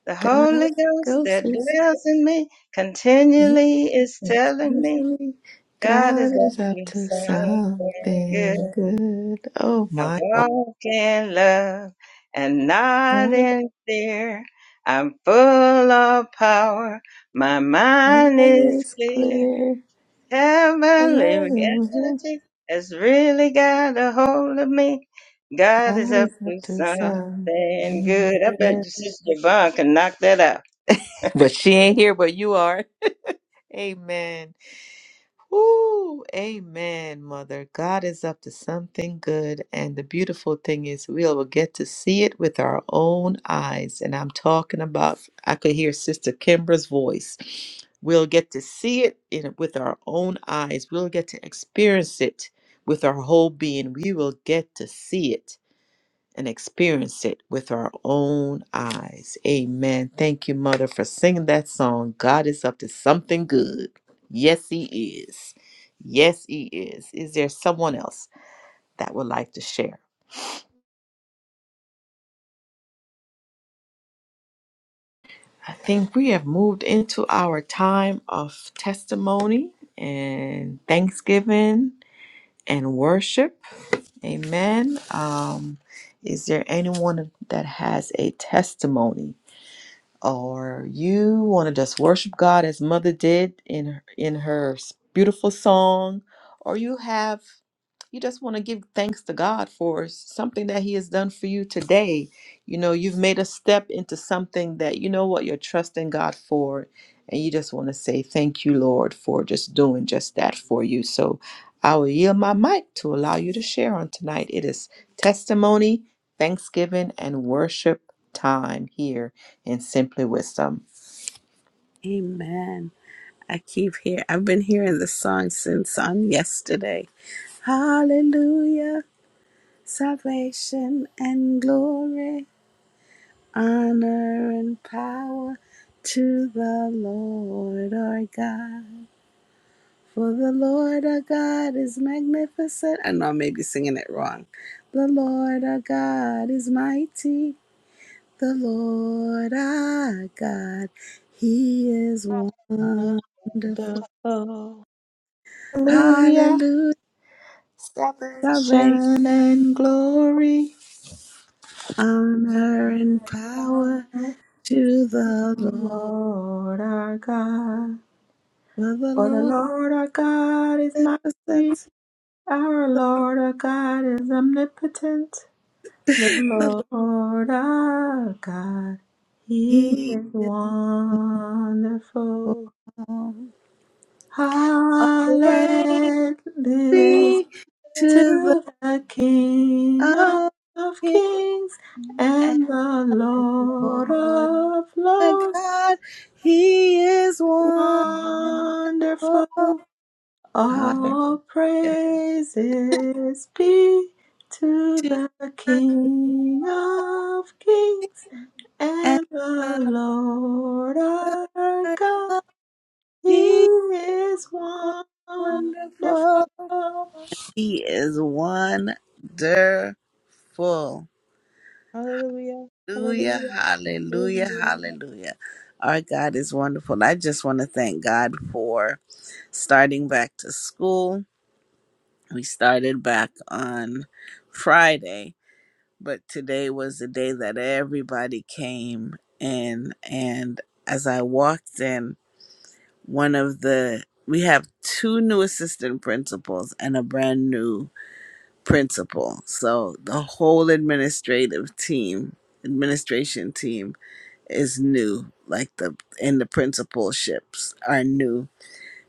Speaker 6: The Holy
Speaker 1: God
Speaker 6: Ghost
Speaker 1: goes
Speaker 6: that
Speaker 1: is
Speaker 6: dwells in me continually is telling me God
Speaker 1: God
Speaker 6: is up
Speaker 1: is up
Speaker 6: to
Speaker 1: to
Speaker 6: something
Speaker 1: something
Speaker 6: good.
Speaker 1: good. Oh
Speaker 6: I
Speaker 1: my God.
Speaker 6: walk in love and not
Speaker 1: God
Speaker 6: in fear. I'm full of power. My mind is
Speaker 1: is
Speaker 6: clear.
Speaker 1: clear. God
Speaker 6: Heavenly reality has really got a hold of me. God is up
Speaker 1: is
Speaker 6: to
Speaker 1: up to
Speaker 6: something
Speaker 1: something
Speaker 6: good. I bet your
Speaker 1: good.
Speaker 6: sister Yvonne can knock that out.
Speaker 1: But she ain't here, but you are. Amen. Ooh, amen, mother. God is up to something good. And the beautiful thing is, we'll get to see it with our own eyes. And I'm talking about, I could hear Sister Kimbra's voice. We'll get to see it in, with our own eyes. We'll get to experience it with our whole being. We will get to see it and experience it with our own eyes. Amen. Thank you, Mother, for singing that song. God is up to something good. Yes, He is. Yes, He is. Is there someone else that would like to share? I think we have moved into our time of testimony and thanksgiving and worship. Amen. Um, is there anyone that has a testimony? or you want to just worship God as Mother did in in her beautiful song, or you have you just want to give thanks to God for something that He has done for you today. You know, you've made a step into something that you know what you're trusting God for. And you just want to say, Thank you, Lord, for just doing just that for you. So I will yield my mic to allow you to share on tonight. It is testimony, thanksgiving, and worship time here in Simply Wisdom.
Speaker 3: Amen. I keep hear. I've been hearing this song since on yesterday. Hallelujah, salvation and glory. honor and power to the Lord our God. For the Lord our God is magnificent. I know I may be singing it wrong. The Lord our God is mighty. The Lord our God, He is wonderful.
Speaker 4: Wonderful.
Speaker 1: Hallelujah,
Speaker 3: Hallelujah.
Speaker 1: salvation
Speaker 3: Salvation,
Speaker 1: and glory.
Speaker 3: honor, and power to the Lord.
Speaker 1: Lord our God,
Speaker 3: For the
Speaker 1: for the
Speaker 3: Lord
Speaker 1: Lord our God is
Speaker 3: is
Speaker 1: mighty,
Speaker 3: magnificent.
Speaker 1: our Lord our God is omnipotent. The
Speaker 3: The
Speaker 1: Lord our God, He
Speaker 3: He
Speaker 1: is
Speaker 3: is Lord.
Speaker 1: wonderful.
Speaker 3: All praise
Speaker 1: Hallelujah
Speaker 3: be to the
Speaker 1: to the King of
Speaker 3: O
Speaker 1: of
Speaker 3: King
Speaker 1: Kings
Speaker 3: of Kings
Speaker 1: and the
Speaker 3: and
Speaker 1: Lord
Speaker 3: Lord
Speaker 1: of
Speaker 3: our
Speaker 1: Lords.
Speaker 3: God. He is wonderful,
Speaker 1: Wonderful.
Speaker 3: Hallelujah
Speaker 1: All praises be to
Speaker 3: to
Speaker 1: the
Speaker 3: the
Speaker 1: King of
Speaker 3: King
Speaker 1: Kings
Speaker 3: and
Speaker 1: and
Speaker 3: the
Speaker 1: the Lord
Speaker 3: Lord
Speaker 1: our
Speaker 3: our
Speaker 1: God.
Speaker 3: God.
Speaker 1: He
Speaker 3: He is
Speaker 1: is wonderful.
Speaker 3: wonderful. He is wonderful.
Speaker 4: Hallelujah.
Speaker 3: Hallelujah,
Speaker 4: Hallelujah.
Speaker 3: hallelujah,
Speaker 4: Hallelujah.
Speaker 3: hallelujah. Our God is wonderful. I just want to thank God for starting back to school. We started back on Friday, but today was the day that everybody came in. And as I walked in, one of the, we have two new assistant principals and a brand new principal. So the whole administrative team, administration team is new, like the and the principalships are new.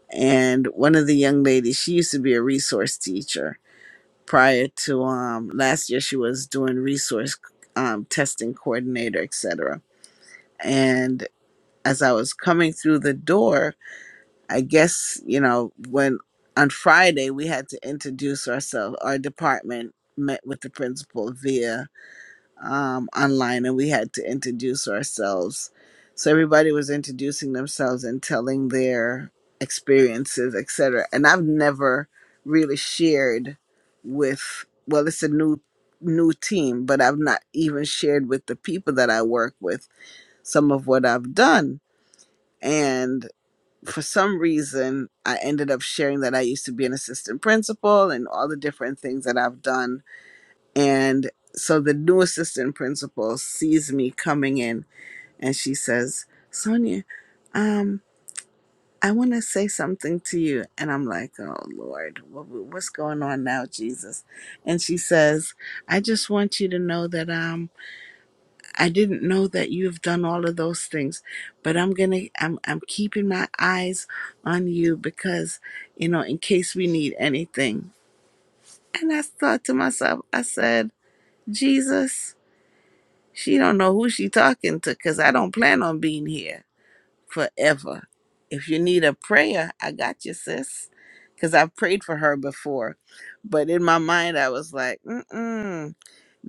Speaker 3: And one of the young ladies, she used to be a resource teacher prior to um last year she was doing resource um testing coordinator, etc. And as I was coming through the door, I guess, you know, when on Friday we had to introduce ourselves, our department met with the principal via um, online and we had to introduce ourselves. So everybody was introducing themselves and telling their experiences, et cetera. And I've never really shared with well, it's a new new team, but I've not even shared with the people that I work with some of what I've done. And for some reason, I ended up sharing that I used to be an assistant principal and all the different things that I've done and so the new assistant principal sees me coming in and she says, Sonia, um, I want to say something to you. And I'm like, oh, Lord, what, what's going on now, Jesus? And she says, I just want you to know that um, I didn't know that you've done all of those things, but I'm going to, I'm, I'm keeping my eyes on you because, you know, in case we need anything. And I thought to myself, I said, Jesus, She don't know who she talking to because I don't plan on being here forever. If you need a prayer, I got you, sis. Because I've prayed for her before. But in my mind, I was like, mm-mm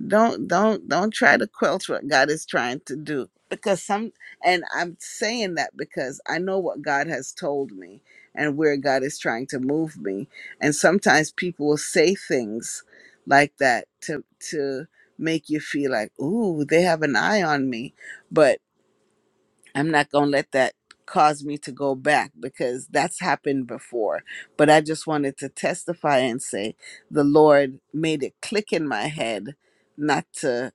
Speaker 3: don't don't don't try to quench what god is trying to do because some and i'm saying that because i know what god has told me and where god is trying to move me and sometimes people will say things like that to to make you feel like ooh they have an eye on me but i'm not going to let that cause me to go back because that's happened before but i just wanted to testify and say the lord made it click in my head not to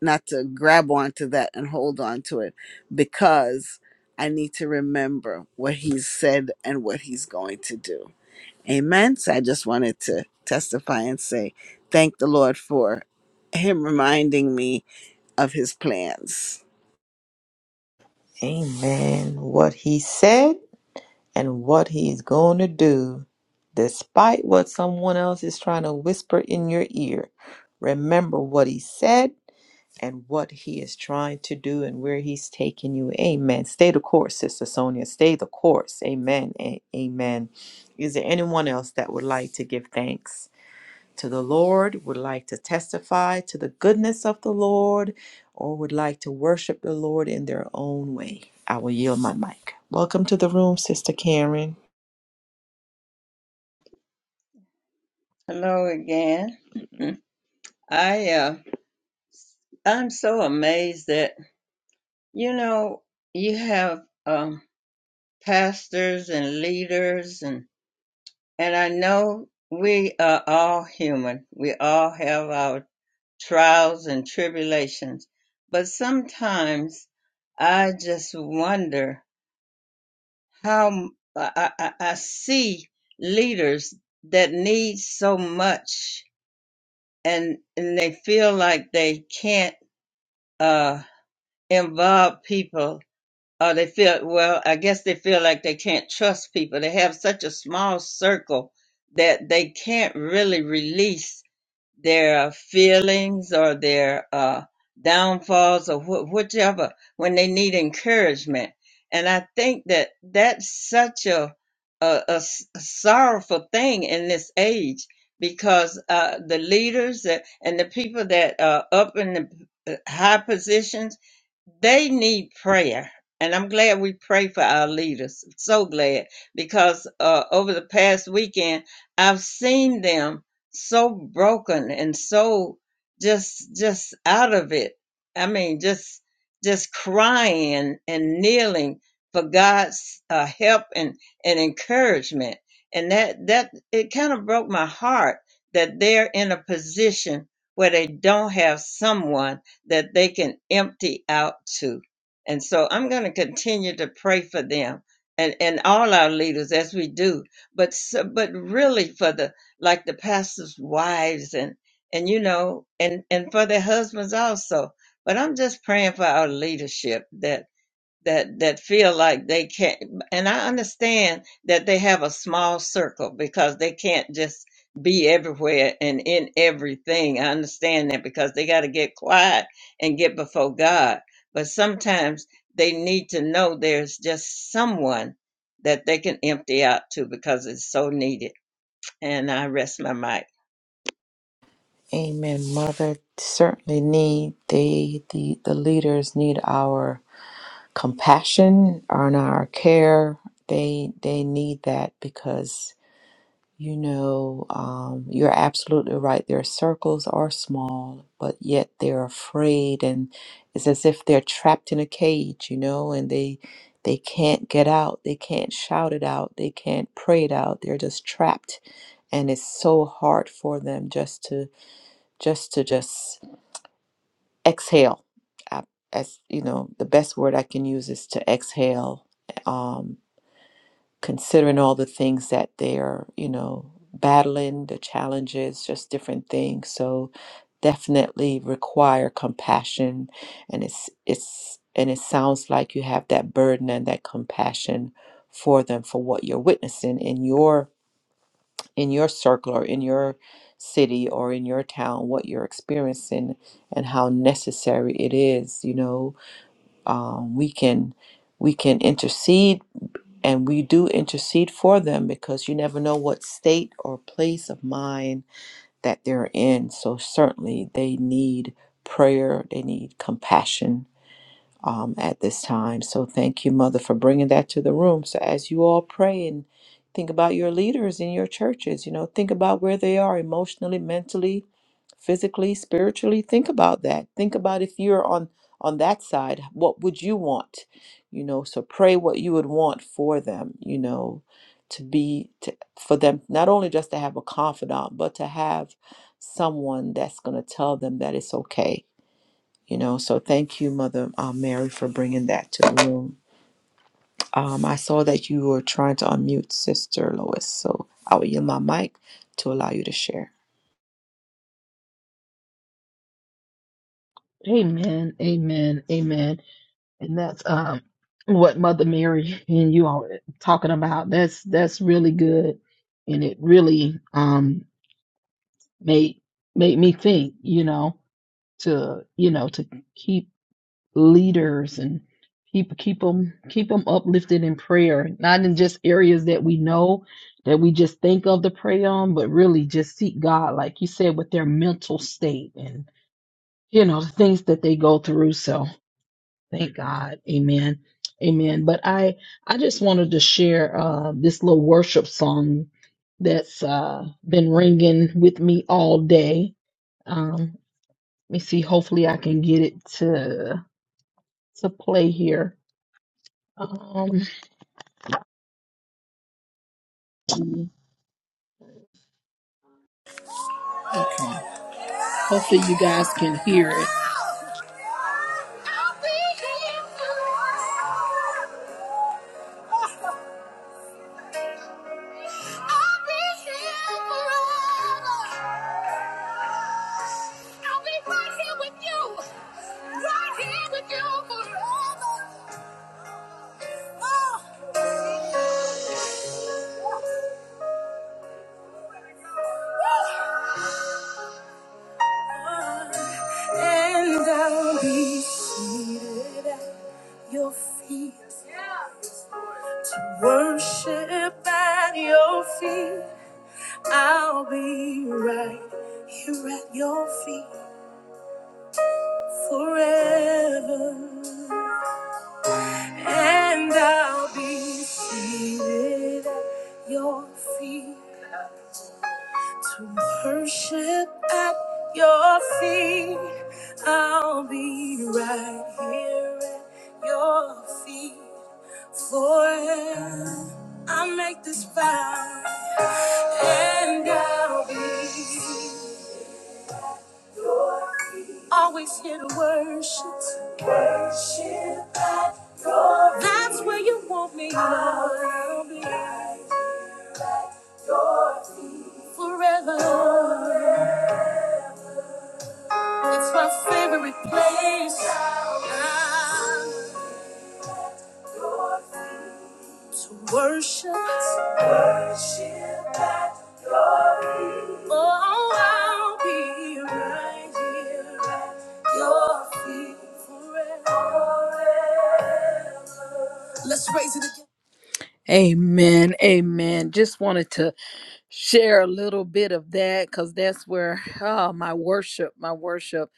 Speaker 3: not to grab onto that and hold on to it because I need to remember what he's said and what he's going to do. Amen. So I just wanted to testify and say, thank the Lord for him reminding me of his plans.
Speaker 1: Amen. What he said and what he's going to do, despite what someone else is trying to whisper in your ear. Remember what he said and what he is trying to do and where he's taking you. Amen. Stay the course, Sister Sonia. Stay the course. Amen. A- amen. Is there anyone else that would like to give thanks to the Lord, would like to testify to the goodness of the Lord, or would like to worship the Lord in their own way? I will yield my mic. Welcome to the room, Sister Karen.
Speaker 6: Hello again. I uh, I'm so amazed that you know you have um, pastors and leaders and. And I know we are all human. We all have our trials and tribulations. But sometimes I just wonder how I I, I see leaders that need so much and, and they feel like they can't uh, involve people or they feel, well, I guess they feel like they can't trust people. They have such a small circle that they can't really release their feelings or their uh, downfalls or wh- whichever when they need encouragement. And I think that that's such a, a, a s- sorrowful thing in this age because uh, the leaders that- and the people that are up in the uh, high positions, they need prayer. And I'm glad we pray for our leaders. So glad because uh, over the past weekend, I've seen them so broken and so just just out of it i mean just just crying and kneeling for god's uh, help and and encouragement and that that it kind of broke my heart that they're in a position where they don't have someone that they can empty out to and so i'm going to continue to pray for them and and all our leaders as we do but s- but really for the like the pastors' wives and and you know and and for their husbands also. But I'm just praying for our leadership that that that feel like they can't. And I understand that they have a small circle because they can't just be everywhere and in everything. I understand that because they got to get quiet and get before God. But sometimes they need to know there's just someone that they can empty out to because it's so needed and I rest my mic.
Speaker 1: Amen. Mother, certainly need they the, the leaders need our compassion on our care. They they need that because you know um, you're absolutely right. Their circles are small, but yet they're afraid, and it's as if they're trapped in a cage, you know, and they they can't get out. They can't shout it out. They can't pray it out. They're just trapped, and it's so hard for them just to just to just exhale. I, as you know, the best word I can use is to exhale, um, considering all the things that they're, you know, battling, the challenges, just different things. So definitely require compassion and it's it's and it sounds like you have that burden and that compassion for them for what you're witnessing in your in your circle or in your city or in your town what you're experiencing and how necessary it is you know um, we can we can intercede and we do intercede for them because you never know what state or place of mind that they're in so certainly they need prayer they need compassion um, at this time. So thank you, Mother, for bringing that to the room. So as you all pray and think about your leaders in your churches, you know, think about where they are emotionally, mentally, physically, spiritually. Think about that. Think about if you're on on that side, what would you want? You know, so pray what you would want for them. You know, to be to, for them not only just to have a confidant, but to have someone that's going to tell them that it's okay you know so thank you mother uh, mary for bringing that to the room um, i saw that you were trying to unmute sister lois so i will yield my mic to allow you to share
Speaker 5: Amen, amen, amen. And that's um what Mother Mary and you are talking about. That's that's really good, and it really um made made me think. You know to you know to keep leaders and keep keep them keep them uplifted in prayer not in just areas that we know that we just think of to pray on but really just seek god like you said with their mental state and you know the things that they go through so thank god amen amen but i i just wanted to share uh this little worship song that's uh been ringing with me all day um let me see hopefully i can get it to to play here Um, Okay. hopefully you guys can hear it. right here with you. Right here with you forever. Oh. Oh. And I'll be seen, worship at your feet, right here at your feet forever. And I'll be seated at your feet. Worship at your feet. I'll be right here at your feet. Forever I make this vow. And I'll be always here to worship. Worship at your feet. That's where you want me. I'll be. right forever. It's my favorite place ah, to worship. Oh, I'll be right here at your feet forever. Let's raise it again. Amen. Amen. Just wanted to share a little bit of that because that's where oh, my worship my worship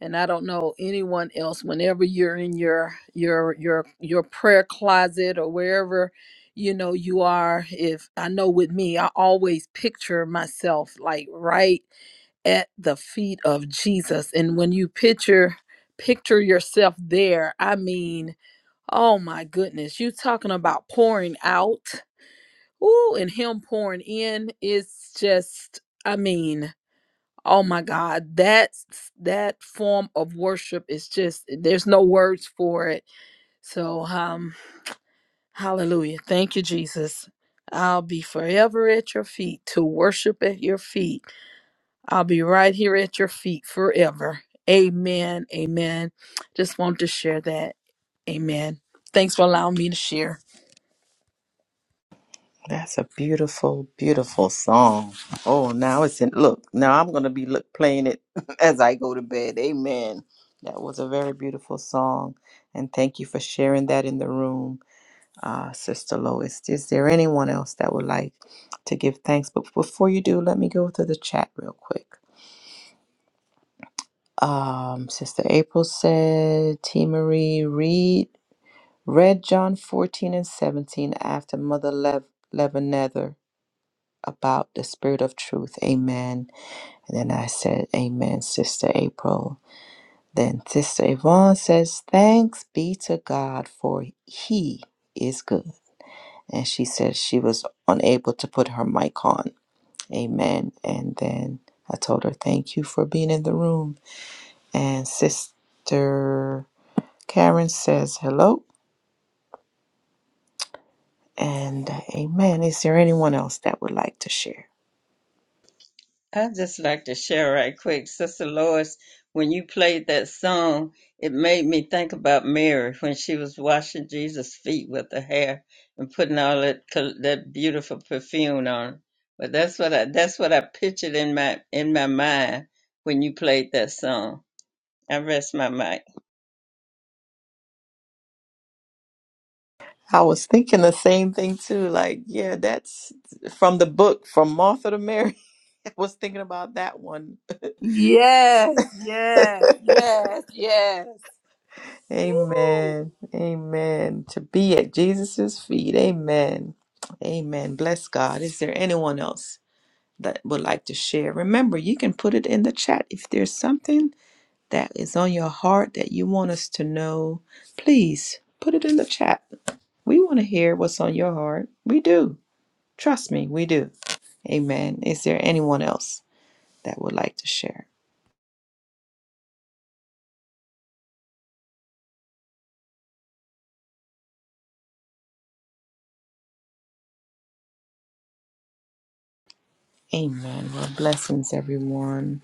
Speaker 5: and i don't know anyone else whenever you're in your your your your prayer closet or wherever you know you are if i know with me i always picture myself like right at the feet of jesus and when you picture picture yourself there i mean oh my goodness you talking about pouring out Ooh, and him pouring in is just, I mean, oh my God, that's that form of worship is just there's no words for it. So um hallelujah. Thank you, Jesus. I'll be forever at your feet to worship at your feet. I'll be right here at your feet forever. Amen. Amen. Just want to share that. Amen. Thanks for allowing me to share.
Speaker 1: That's a beautiful, beautiful song. Oh, now it's in. Look, now I'm gonna be look playing it as I go to bed. Amen. That was a very beautiful song, and thank you for sharing that in the room, uh, Sister Lois. Is there anyone else that would like to give thanks? But before you do, let me go through the chat real quick. Um, Sister April said, T. Marie, read, read John 14 and 17 after Mother Lev- Levinether about the Spirit of Truth. Amen. And then I said, Amen, Sister April. Then Sister Yvonne says, Thanks be to God for He is good. And she said she was unable to put her mic on. Amen. And then I told her, Thank you for being in the room. And Sister. Karen says hello and uh, amen. Is there anyone else that would like to share?
Speaker 6: I'd just like to share right quick, Sister Lois, when you played that song, it made me think about Mary when she was washing Jesus' feet with her hair and putting all that col- that beautiful perfume on. But that's what I that's what I pictured in my in my mind when you played that song. I rest my mic.
Speaker 1: I was thinking the same thing too. Like, yeah, that's from the book from Martha to Mary. I was thinking about that one.
Speaker 5: Yes, yes, yes, yes.
Speaker 1: amen. Amen. To be at Jesus' feet. Amen. Amen. Bless God. Is there anyone else that would like to share? Remember, you can put it in the chat if there's something that is on your heart that you want us to know, please put it in the chat. We want to hear what's on your heart. We do. Trust me, we do. Amen. Is there anyone else that would like to share? Amen. Well, blessings, everyone.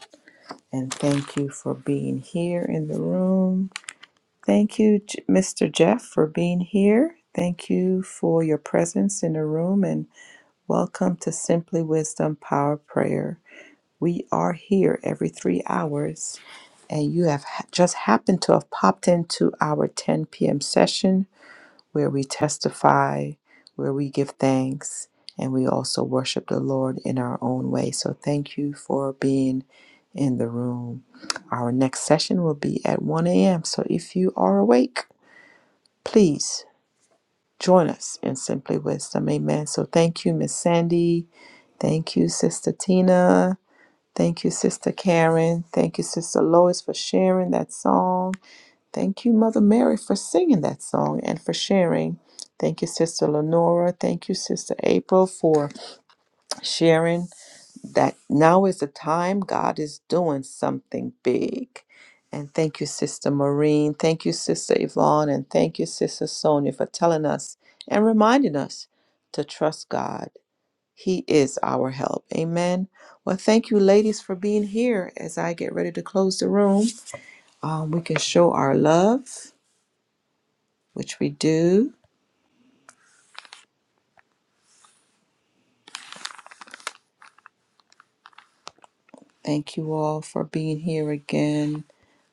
Speaker 1: And thank you for being here in the room. Thank you, J- Mr. Jeff, for being here. Thank you for your presence in the room and welcome to Simply Wisdom Power Prayer We are here every three hours, and you have ha- just happened to have popped into our 10 p.m. session where we testify, where we give thanks, and we also worship the Lord in our own way. So, thank you for being in the room. Our next session will be at 1 a.m. So, if you are awake, please join us in Simply Wisdom. Amen. So, thank you, Miss Sandy. Thank you, Sister Tina. Thank you, Sister Karen. Thank you, Sister Lois, for sharing that song. Thank you, Mother Mary, for singing that song and for sharing. Thank you, Sister Lenora. Thank you, Sister April, for sharing that now is the time God is doing something big. And thank you, Sister Maureen. Thank you, Sister Yvonne. And thank you, Sister Sonia, for telling us and reminding us to trust God he is our help. Amen. Well, thank you, ladies, for being here. As I get ready to close the room, um, we can show our love, which we do. Thank you all for being here again.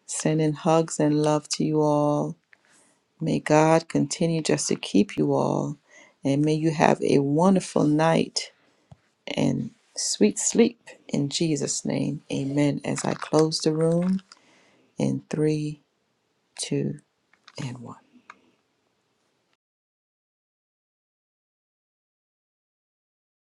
Speaker 1: Sending hugs and love to you all. May God continue just to keep you all. And may you have a wonderful night and sweet sleep. In Jesus' name, amen. As I close the room in three, two, and one.